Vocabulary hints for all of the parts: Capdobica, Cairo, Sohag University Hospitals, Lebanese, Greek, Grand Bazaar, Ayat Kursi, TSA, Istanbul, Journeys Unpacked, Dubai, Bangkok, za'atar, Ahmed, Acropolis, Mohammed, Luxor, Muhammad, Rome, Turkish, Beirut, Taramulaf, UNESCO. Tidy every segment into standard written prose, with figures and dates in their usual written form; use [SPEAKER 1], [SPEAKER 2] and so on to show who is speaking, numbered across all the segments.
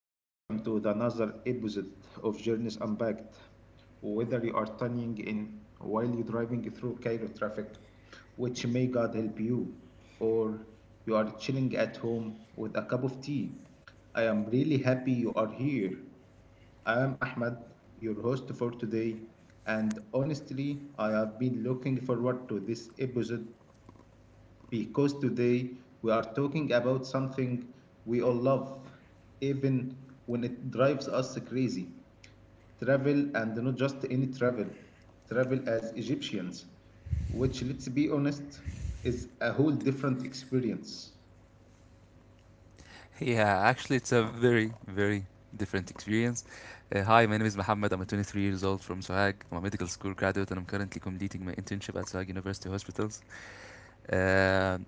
[SPEAKER 1] welcome to the another episode of Journeys Unpacked. Whether you are tuning in while you're driving through Cairo traffic, which may God help you, or you are chilling at home with a cup of tea, I am really happy you are here. I am Ahmed, your host for today, and honestly, I have been looking forward to this episode because today we are talking about something we all love, even when it drives us crazy travel, and not just any travel, travel as Egyptians, which, let's be honest, is a whole different experience.
[SPEAKER 2] Yeah, actually, it's a very, very different experience. Hi, my name is Mohammed. I'm 23 years old from Sohag. I'm a medical school graduate and I'm currently completing my internship at Sohag University Hospitals. Uh,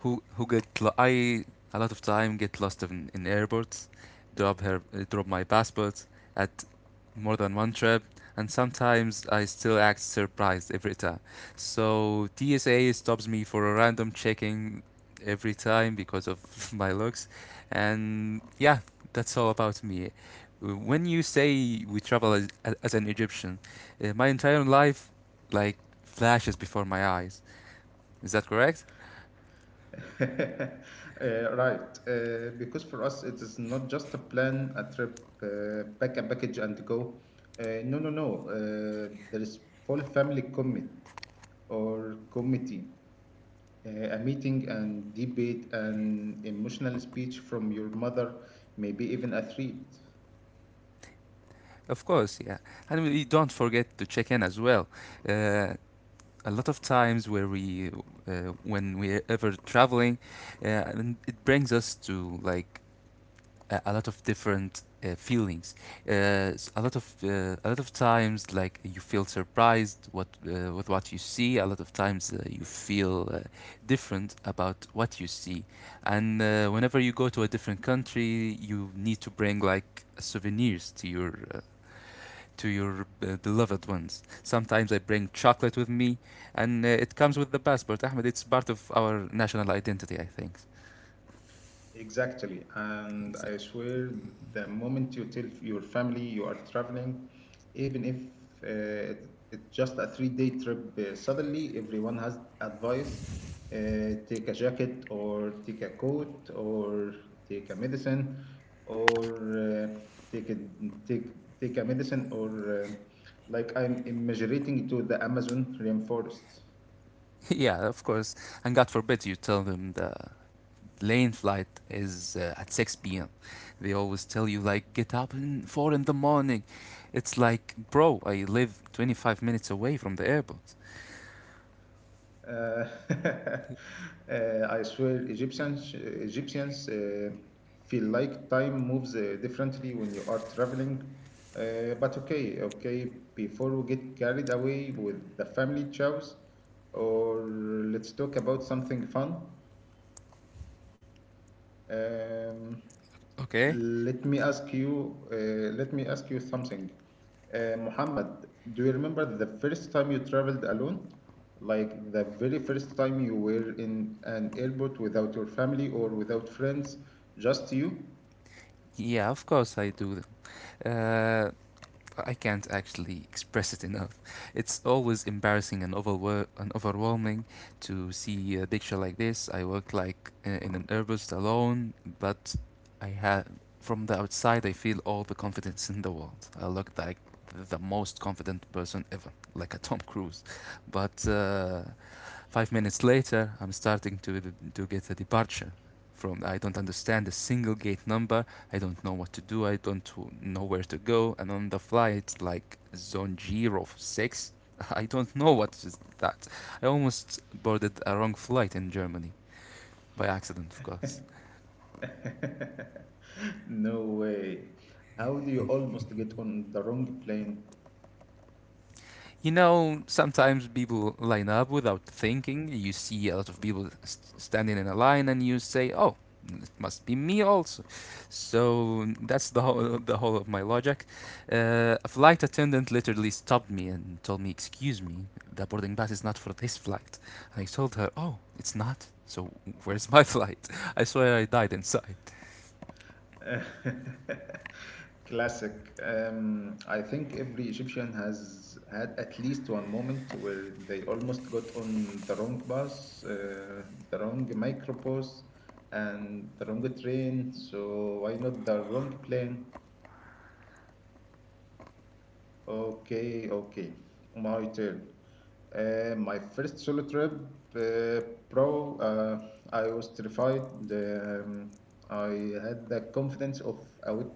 [SPEAKER 2] I a lot of time get lost in airports, drop my passport at more than one trip, and sometimes I still act surprised every time. So TSA stops me for a random checking every time because of my looks, and yeah, that's all about me. When you say we travel as an Egyptian, my entire life like flashes before my eyes. Is that correct?
[SPEAKER 1] Right, because for us it is not just a plan, a trip, pack a package and go. No, no, no. There is full family commit or committee. A meeting and debate and emotional speech from your mother, maybe even a threat.
[SPEAKER 2] Of course, yeah. And we don't forget to check in as well. Uh, a lot of times where we uh, when we're ever traveling, and it brings us to like a lot of different feelings. A lot of times, like, you feel surprised what with what you see. A lot of times, you feel different about what you see. And whenever you go to a different country, you need to bring like souvenirs to your beloved ones. Sometimes I bring chocolate with me, and it comes with the passport, Ahmed. It's part of our national identity, I think.
[SPEAKER 1] Exactly. And I
[SPEAKER 2] Exactly.
[SPEAKER 1] swear, the moment you tell your family you are traveling, even if it's just a 3-day trip. Suddenly everyone has advice take a jacket, or take a coat, or take a medicine, or uh, take, a, take a medicine, or like I'm immigrating to the Amazon rainforest.
[SPEAKER 2] Yeah, of course. And God forbid you tell them the lane flight is at 6 p.m. They always tell you, like, get up in 4 in the morning. It's like, bro, I live 25 minutes away from the airport.
[SPEAKER 1] Uh, I swear, Egyptians feel like time moves differently when you are traveling. But okay, okay, before we get carried away with the family chows, or let's talk about something fun. Um,
[SPEAKER 2] Okay?
[SPEAKER 1] let me ask you, uh, Let me ask you something. Muhammad, do you remember the first time you traveled alone? Like the very first time you were in an airport without your family or without friends, just you?
[SPEAKER 2] Yeah, of course I do. Uh, I can't actually express it enough. It's always embarrassing and overwhelming to see a picture like this. I work like in an herbist alone, but I have from the outside I feel all the confidence in the world. I look like the most confident person ever, like a Tom Cruise. But 5 minutes later, I'm starting to get a departure from. I don't understand a single gate number. I don't know what to do. I don't know where to go. And on the fly, it's like zone 06. I don't know what is that. I almost boarded a wrong flight in Germany, by accident, of course.
[SPEAKER 1] No way. How do you almost get on the wrong plane?
[SPEAKER 2] You know, sometimes people line up without thinking. You see a lot of people s standing in a line, and you say, "Oh, it must be me also." So that's the whole of my logic. A flight attendant literally stopped me and told me, "Excuse me, the boarding pass is not for this flight." I told her, "Oh, it's not. So where's my flight?" I swear I died inside.
[SPEAKER 1] Classic. I think every Egyptian has had at least one moment where they almost got on the wrong bus, the wrong microbus, and the wrong train. So why not the wrong plane? Okay, okay. My turn. My first solo trip, uh, bro, I was terrified. Um, I had the confidence of a wet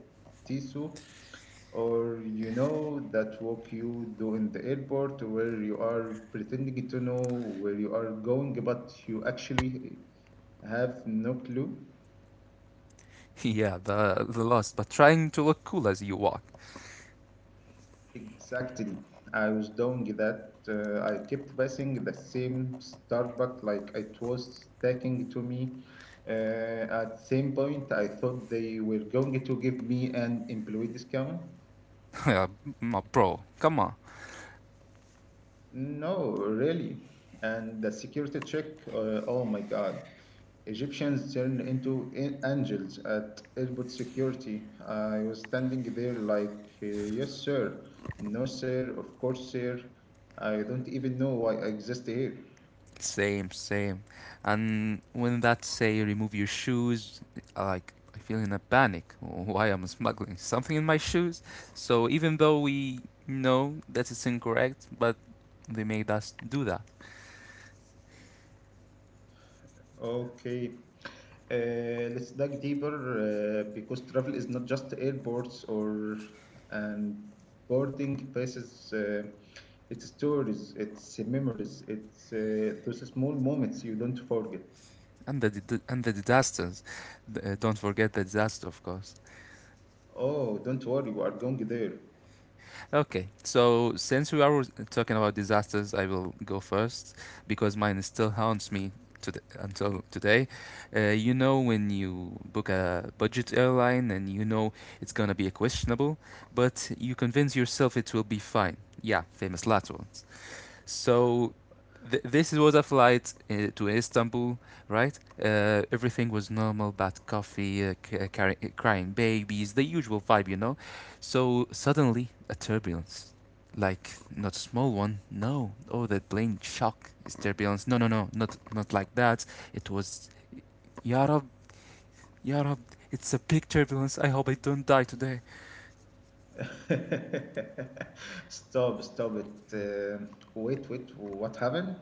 [SPEAKER 1] tissue or you know that walk you do in the airport where you are pretending to know where you are going but you actually have no clue.
[SPEAKER 2] Yeah, the lost, but trying to look cool as you walk.
[SPEAKER 1] Exactly. I was doing that. I kept passing the same Starbucks like it was taking to me. uh, at same point I thought they were going to give me an employee discount.
[SPEAKER 2] Yeah, bro, come on.
[SPEAKER 1] No, really. And the security check, oh my God. Egyptians turned into angels at airport security. I was standing there like, yes, sir. No, sir. Of course, sir. I don't even know why I exist here.
[SPEAKER 2] Same, same. And when that say remove your shoes, like I feel in a panic. Why I'm smuggling something in my shoes? So even though we know that it's incorrect, but they made us do that.
[SPEAKER 1] Okay. Let's dive deeper because travel is not just airports or and boarding passes. It's stories, it's memories, it's those small moments you don't forget.
[SPEAKER 2] And the disasters. Don't forget the disaster, of course.
[SPEAKER 1] Oh, don't worry, we are going there.
[SPEAKER 2] Okay, so since we are talking about disasters, I will go first because mine still haunts me today, until today. You know, when you book a budget airline and you know it's gonna be questionable, but you convince yourself it will be fine. Yeah, famous last one. So this was a flight to Istanbul, right? Everything was normal, bad coffee, crying babies, the usual vibe, you know. So suddenly a turbulence, like not a small one. No, oh, the plane shock is turbulence. No, no, no, not like that. It was Yarab, Yarab. It's a big turbulence. I hope I don't die today.
[SPEAKER 1] Stop, stop it. Uh, Wait, wait, what happened?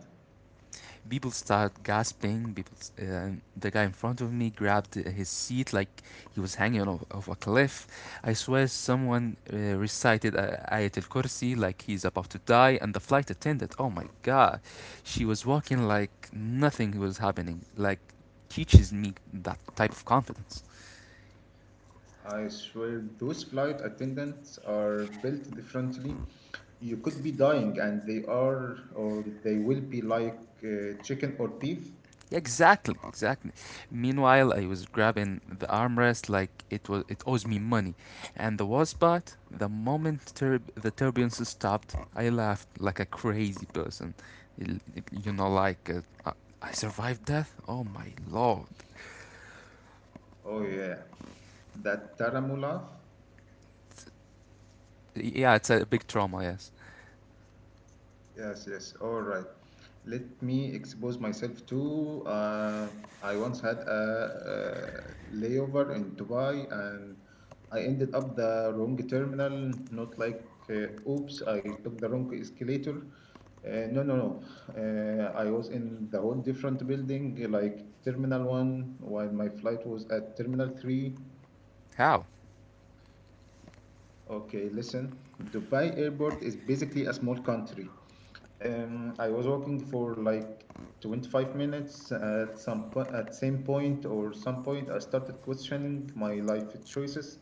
[SPEAKER 2] People start gasping. The guy in front of me grabbed his seat like he was hanging off a cliff. I swear someone recited Ayat Kursi like he's about to die, and the flight attendant, oh my God, she was walking like nothing was happening. Like, teaches me that type of confidence.
[SPEAKER 1] I swear those flight attendants are built differently. You could be dying and they are or they will be like chicken or beef.
[SPEAKER 2] Exactly, exactly. Meanwhile, I was grabbing the armrest like it owes me money. And the worst part, the moment the turbulence stopped, I laughed like a crazy person. L- You know, like I I survived death. Oh my Lord!
[SPEAKER 1] Oh yeah, that Taramulaf.
[SPEAKER 2] Yeah, it's a big trauma. Yes.
[SPEAKER 1] Yes, yes. All right. Let me expose myself to. I once had a layover in Dubai and I ended up the wrong terminal. Not like, oops, I took the wrong escalator. No, no, no. I was in the whole different building, like Terminal 1, while my flight was at Terminal 3.
[SPEAKER 2] How?
[SPEAKER 1] Okay, listen. Dubai Airport is basically a small country. I was walking for like 25 minutes at same point or some point I started questioning my life choices.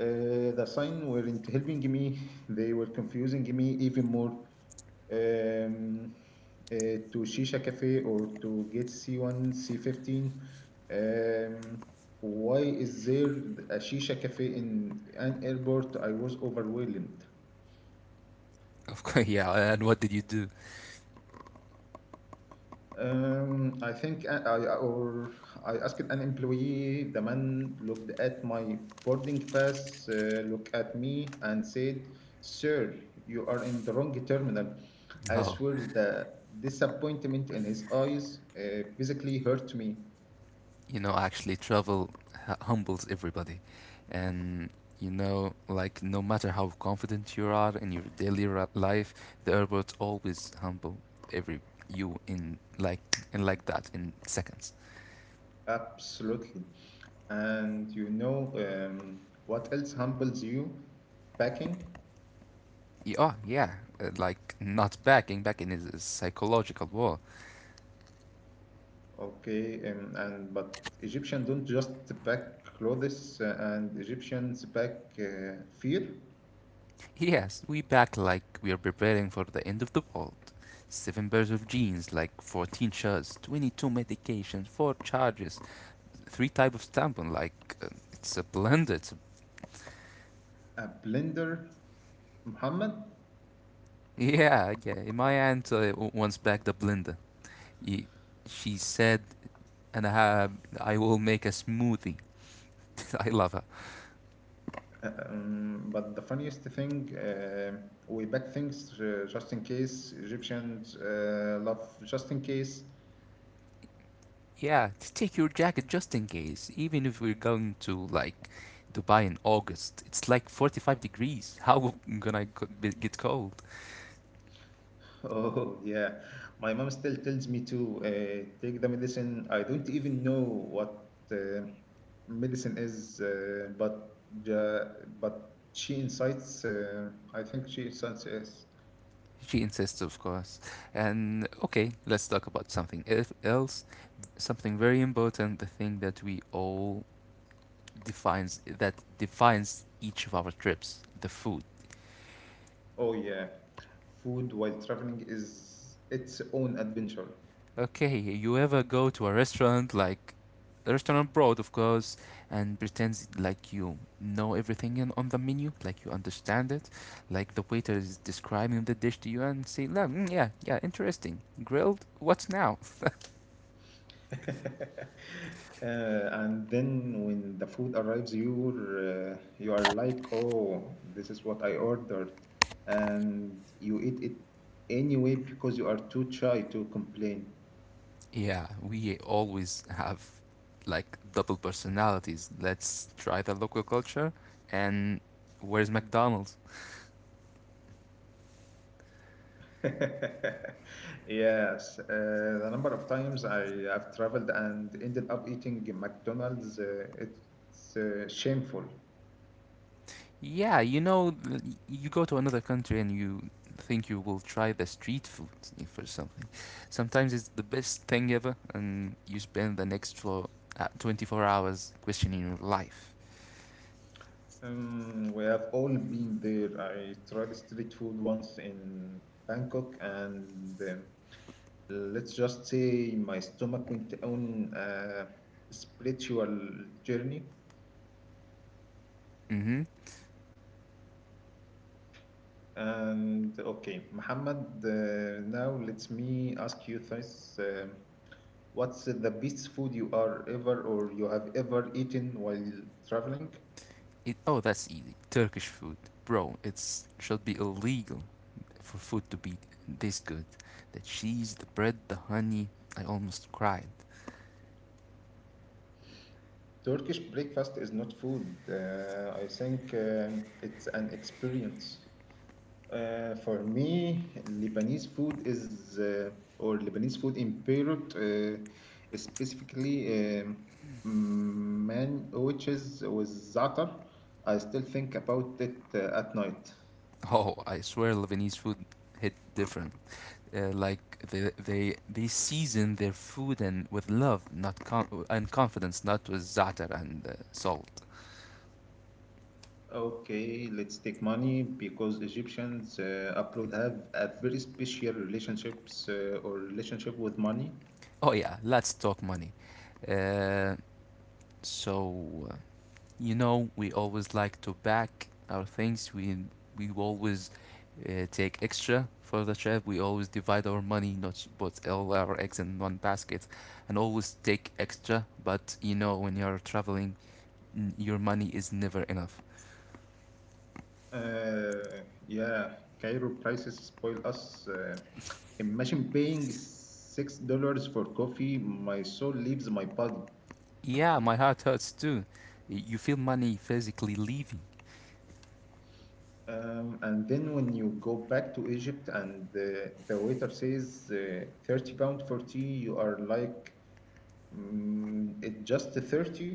[SPEAKER 1] The signs weren't helping me. They were confusing me even more. Um, to Shisha Cafe or to get C1, C15. Um, why is there a Shisha Cafe in an airport? I was overwhelmed.
[SPEAKER 2] Of course. Yeah. And what did you do?
[SPEAKER 1] I think I asked an employee. The man looked at my boarding pass, looked at me, and said, "Sir, you are in the wrong terminal." I
[SPEAKER 2] Oh.
[SPEAKER 1] swear the disappointment in his eyes physically hurt me.
[SPEAKER 2] You know, actually, travel humbles everybody. And you know, like, no matter how confident you are in your daily life, the airports always humble every you in like that in seconds.
[SPEAKER 1] Absolutely. And you know what else humbles you? Packing.
[SPEAKER 2] Oh, yeah, like, not backing. Backing is a psychological war.
[SPEAKER 1] Okay, and but Egyptian don't just pack clothes, and Egyptians pack fear,
[SPEAKER 2] Yes, we back like we are preparing for the end of the world. Seven pairs of jeans, like 14 shirts, 22 medications, 4 charges, three type of tampon. Like, it's a blender. It's a,
[SPEAKER 1] a blender, Muhammad.
[SPEAKER 2] yeah, yeah. My aunt once backed a blender. Y- She said, and I have, I will make a smoothie. I love her.
[SPEAKER 1] But the funniest thing, we pack things just in case. Egyptians love just in case.
[SPEAKER 2] Yeah, take your jacket just in case. Even if we're going to like Dubai in August, it's like 45 degrees. How gonna I get cold?
[SPEAKER 1] Oh, yeah. My mom still tells me to take the medicine. I don't even know what medicine is, but but she incites, I think she incites us.
[SPEAKER 2] She insists, of course. And okay, let's talk about something else. Something very important. The thing that we all defines, that defines each of our trips: the food.
[SPEAKER 1] Oh, yeah. Food while traveling is its own adventure.
[SPEAKER 2] Okay, you ever go to a restaurant, like a restaurant abroad, of course, and pretends like you know everything on the menu, like you understand it. Like, the waiter is describing the dish to you and say, mm, yeah, yeah, interesting grilled, what's now.
[SPEAKER 1] And then when the food arrives, you are like, oh, this is what I ordered, and you eat it anyway because you are too shy to complain.
[SPEAKER 2] Yeah, we always have like double personalities. Let's try the local culture, and where's McDonald's?
[SPEAKER 1] Yes, the number of times I have traveled and ended up eating McDonald's, it's shameful.
[SPEAKER 2] Yeah, you know, you go to another country and you think you will try the street food, for something. Sometimes it's the best thing ever, and you spend the next floor, 24 hours questioning your life.
[SPEAKER 1] We have all been there. I tried street food once in Bangkok and let's just say my stomach went on a spiritual journey.
[SPEAKER 2] Mm-hmm.
[SPEAKER 1] And okay, Muhammad, now let me ask you this, what's the best food you have ever eaten while traveling?
[SPEAKER 2] Oh, that's easy. Turkish food. Bro, it's should be illegal for food to be this good. The cheese, the bread, the honey. I almost cried.
[SPEAKER 1] Turkish breakfast is not food, I think, it's an experience. For me, Lebanese food in Beirut, specifically, man sandwiches with za'atar. I still think about it at night.
[SPEAKER 2] Oh, I swear Lebanese food hit different. Like, they season their food and with love, not and confidence, not with zatar and salt.
[SPEAKER 1] Okay, let's take money because Egyptians abroad have a very special relationship with money.
[SPEAKER 2] Oh yeah, let's talk money. Uh, so uh, you know, we always like to back our things. We always take extra for the trip. We always divide our money, not put all our eggs in one basket, and always take extra. But you know, when you're traveling, your money is never enough.
[SPEAKER 1] Yeah, Cairo prices spoil us. Imagine paying $6 for coffee. My soul leaves my body.
[SPEAKER 2] Yeah, my heart hurts too. You feel money physically leaving.
[SPEAKER 1] And then when you go back to Egypt and the waiter says 30 pound for tea, you are like, it just 30?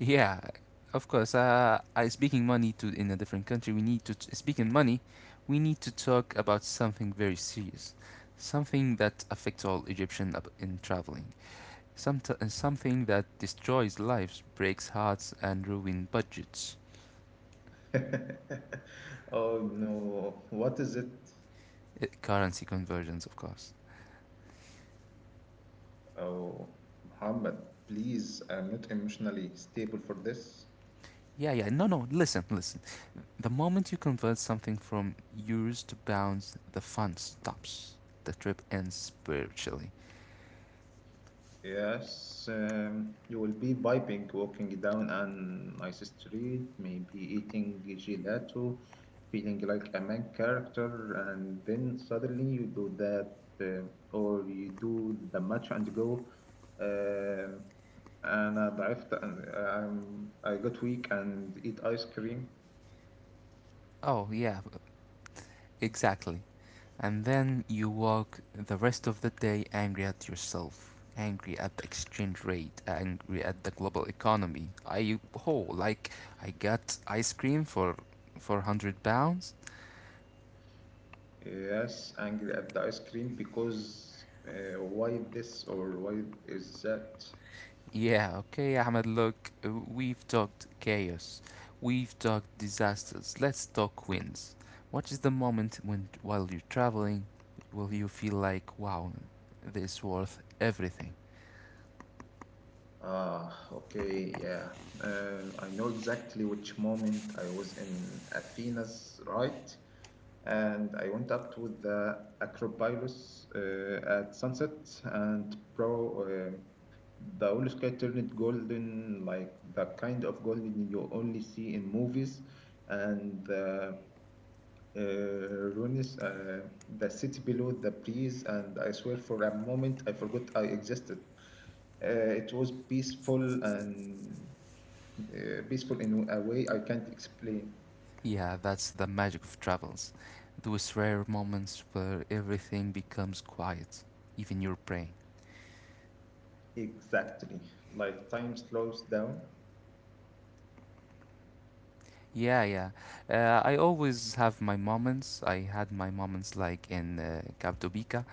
[SPEAKER 2] Yeah, of course. I speaking money to in a different country. We need to speaking money. We need to talk about something very serious, something that affects all Egyptian in traveling. Some something that destroys lives, breaks hearts, and ruin budgets.
[SPEAKER 1] Oh no, what is it?
[SPEAKER 2] Currency conversions, of course.
[SPEAKER 1] Oh, Muhammad, please, I'm not emotionally stable for this.
[SPEAKER 2] Yeah, yeah. No, no. Listen, listen. The moment you convert something from euros to pounds, the fun stops. The trip ends spiritually.
[SPEAKER 1] Yes, you will be vibing walking down an nice street, maybe eating gelato, feeling like a main character, and then suddenly you do that, or you do the match and go. Um أنا ضعفت, I got weak and eat ice cream.
[SPEAKER 2] Oh, yeah, exactly. And then you walk the rest of the day angry at yourself, angry at the exchange rate, angry at the global economy. I oh, like, I got ice cream for 100 pounds.
[SPEAKER 1] Yes, angry at the ice cream because why this or why is that?
[SPEAKER 2] Yeah, okay, Ahmed. Look, we've talked chaos, we've talked disasters. Let's talk wins. What is the moment when, while you're traveling, will you feel like, wow, this worth everything?
[SPEAKER 1] Ah, okay, yeah. I know exactly which moment I was in Athena's, right? And I went up to the Acropolis at sunset, and bro, the whole sky turned golden, like the kind of golden you only see in movies. And uh, ruins the city below the breeze, and I swear for a moment I forgot I existed. It was peaceful and peaceful in a way I can't explain.
[SPEAKER 2] Yeah, that's the magic of travels. Those rare moments where everything becomes quiet, even your brain.
[SPEAKER 1] Exactly. Like time slows down.
[SPEAKER 2] Yeah, yeah. I always have my moments. I had my moments like in Capdobica,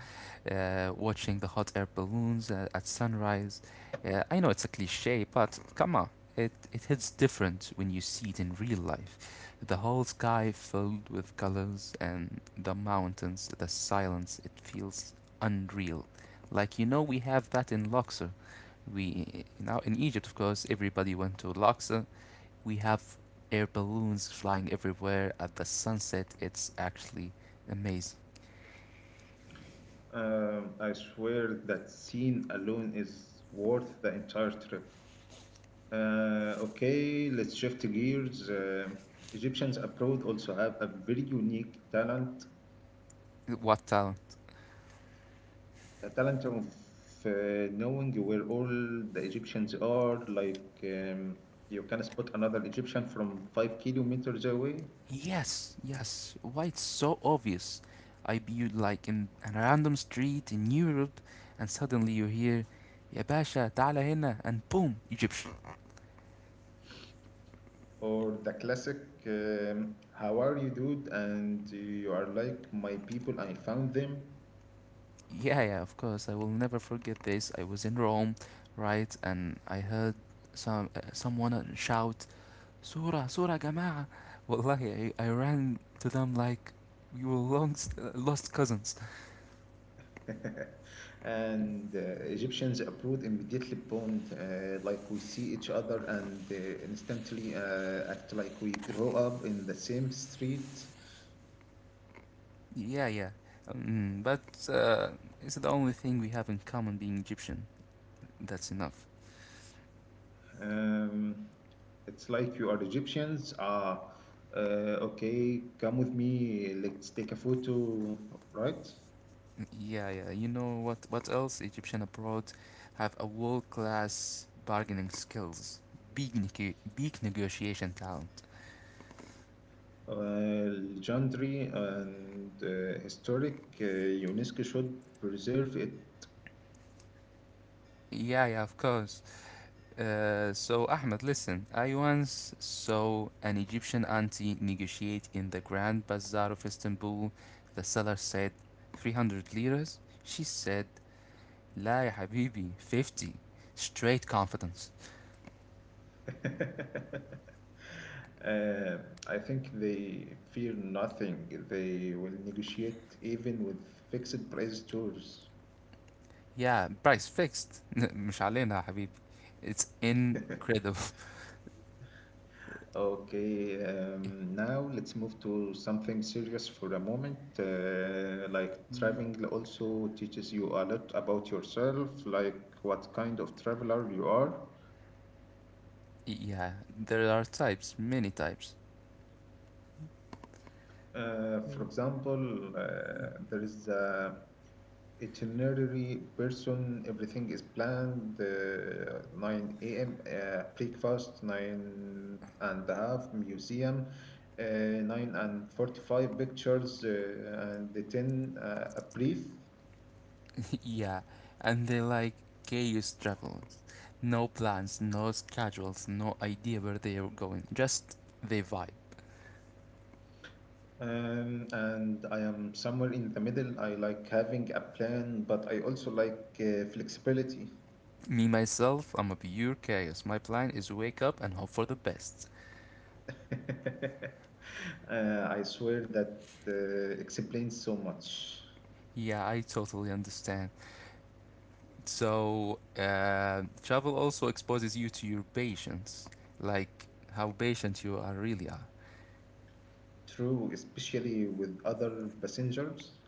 [SPEAKER 2] watching the hot air balloons at sunrise. I know it's a cliche, but come on, it hits different when you see it in real life. The whole sky filled with colors and the mountains, the silence, it feels unreal. Like, you know, we have that in Luxor. We now in Egypt, of course, everybody went to Luxor. We have air balloons flying everywhere at the sunset. It's actually amazing.
[SPEAKER 1] I swear that scene alone is worth the entire trip. Okay, let's shift gears. Egyptians abroad also have a very unique talent,
[SPEAKER 2] What talent!
[SPEAKER 1] the talent of uh, knowing where all the Egyptians are. Like, you can spot another Egyptian from 5 kilometers away.
[SPEAKER 2] Yes, yes. Why it's so obvious. I be like in a random street in Europe and suddenly you hear Ya Basha, تعال هنا, and boom, Egyptian.
[SPEAKER 1] Or the classic, how are you, dude? And you are like, my people, I found them.
[SPEAKER 2] Yeah, yeah, of course. I will never forget this. I was in Rome, right? And I heard someone shout Surah, Surah Jama'a. Wallahi, I ran to them like we were lost, lost cousins.
[SPEAKER 1] And Egyptians approach immediately bond, like we see each other and instantly act like we grow up in the same street.
[SPEAKER 2] Yeah, yeah. But uh, it's the only thing we have in common, being Egyptian. That's enough.
[SPEAKER 1] Um, it's like you are Egyptians. Ah, okay, come with me, let's take a photo, right?
[SPEAKER 2] Yeah, yeah. You know what? What else? Egyptian abroad have a world-class bargaining skills, big negotiation talent.
[SPEAKER 1] uh, Legendary and historic, UNESCO should preserve it.
[SPEAKER 2] Yeah, yeah, of course. So, Ahmed, listen. I once saw an Egyptian auntie negotiate in the Grand Bazaar of Istanbul. The seller said, 300 liras. She said, "La يا حبيبي, 50." Straight confidence.
[SPEAKER 1] Uh, I think they fear nothing. They will negotiate even with fixed price tours.
[SPEAKER 2] Yeah, price fixed. مش علينا يا حبيبي. It's incredible.
[SPEAKER 1] Okay, now let's move to something serious for a moment. Like
[SPEAKER 2] Mm,
[SPEAKER 1] traveling also teaches you a lot about yourself, like what kind of traveler you are.
[SPEAKER 2] yeah, there are types, many types.
[SPEAKER 1] For
[SPEAKER 2] Mm.
[SPEAKER 1] example, there is a itinerary person. Everything is planned. 9 a.m. Breakfast. Nine and a half museum. 9:45 pictures. And the ten a brief.
[SPEAKER 2] Yeah, and they like chaos travels. No plans, no schedules, no idea where they are going. Just they vibe.
[SPEAKER 1] And I am somewhere in the middle. I like having a plan, but I also like flexibility.
[SPEAKER 2] Me myself, I'm a pure chaos. My plan is wake up and hope for the best.
[SPEAKER 1] I swear that explains so much.
[SPEAKER 2] Yeah, I totally understand. So, travel also exposes you to your patience, like how patient you are really are.
[SPEAKER 1] True, especially with other passengers.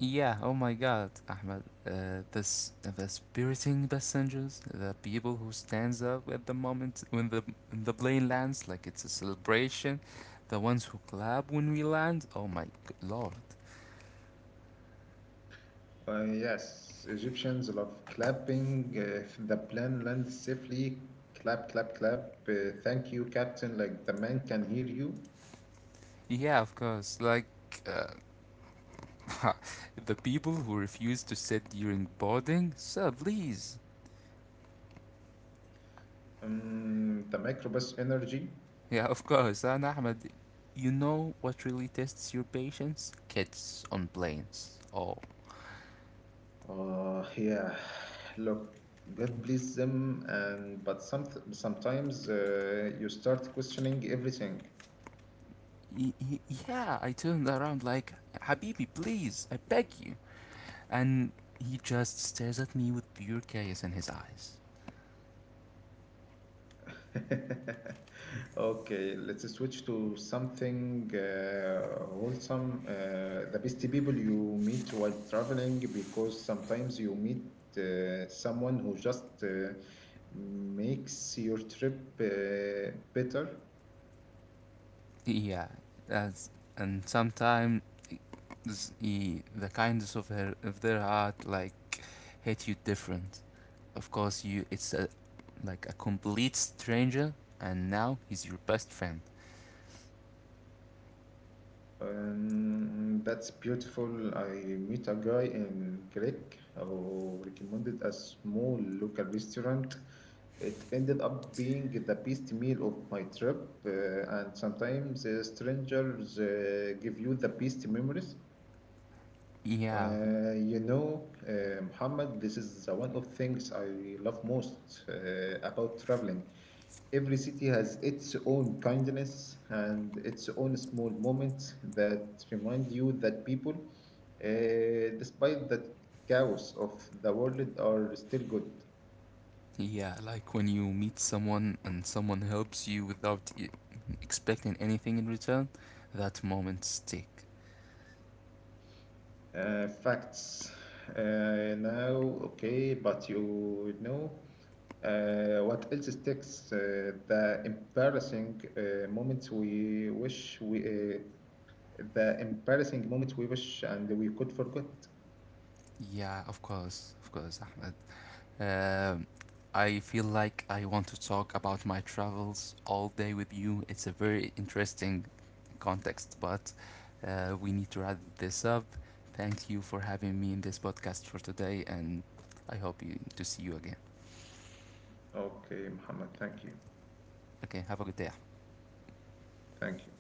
[SPEAKER 2] Yeah, oh my God, Ahmed, this the spiriting passengers, the people who stands up at the moment when the plane lands, like it's a celebration, the ones who clap when we land. Oh my Lord,
[SPEAKER 1] Yes, Egyptians love clapping. If the plane lands safely, clap, clap, clap. Thank you, captain. Like the man can hear you.
[SPEAKER 2] yeah, of course, like. Uh, the people who refuse to sit during boarding, sir, please.
[SPEAKER 1] The microbus energy.
[SPEAKER 2] Yeah, of course. And Ahmed, you know what really tests your patience? Kids on planes. Oh.
[SPEAKER 1] Yeah, look, God bless them. And but sometimes you start questioning everything.
[SPEAKER 2] Y- y- yeah, I turned around like, Habibi, please, I beg you. And he just stares at me with pure chaos in his eyes.
[SPEAKER 1] Okay, let's switch to something wholesome. The best people you meet while traveling, because sometimes you meet someone who just makes your trip better.
[SPEAKER 2] Yeah, that's, and sometimes the kindness of their heart like hit you different. Of course, you it's a, like a complete stranger, and now he's your best friend.
[SPEAKER 1] That's beautiful. I meet a guy in Greek who recommended a small local restaurant. It ended up being the best meal of my trip, and sometimes strangers give you the best memories.
[SPEAKER 2] Yeah,
[SPEAKER 1] Muhammad, this is the one of things I love most about traveling. Every city has its own kindness and its own small moments that remind you that people, despite the chaos of the world, are still good.
[SPEAKER 2] yeah, like when you meet someone and someone helps you without expecting anything in return, that moment stick.
[SPEAKER 1] Facts. Now, okay, but you know what else sticks? The embarrassing moments the embarrassing moments we wish and we could forget.
[SPEAKER 2] Yeah, of course, Ahmed. Um, I feel like I want to talk about my travels all day with you. It's a very interesting context, but we need to wrap this up. Thank you for having me in this podcast for today, and I hope to see you again.
[SPEAKER 1] Okay, Muhammad. Thank you.
[SPEAKER 2] Okay, have a good day,
[SPEAKER 1] Thank you.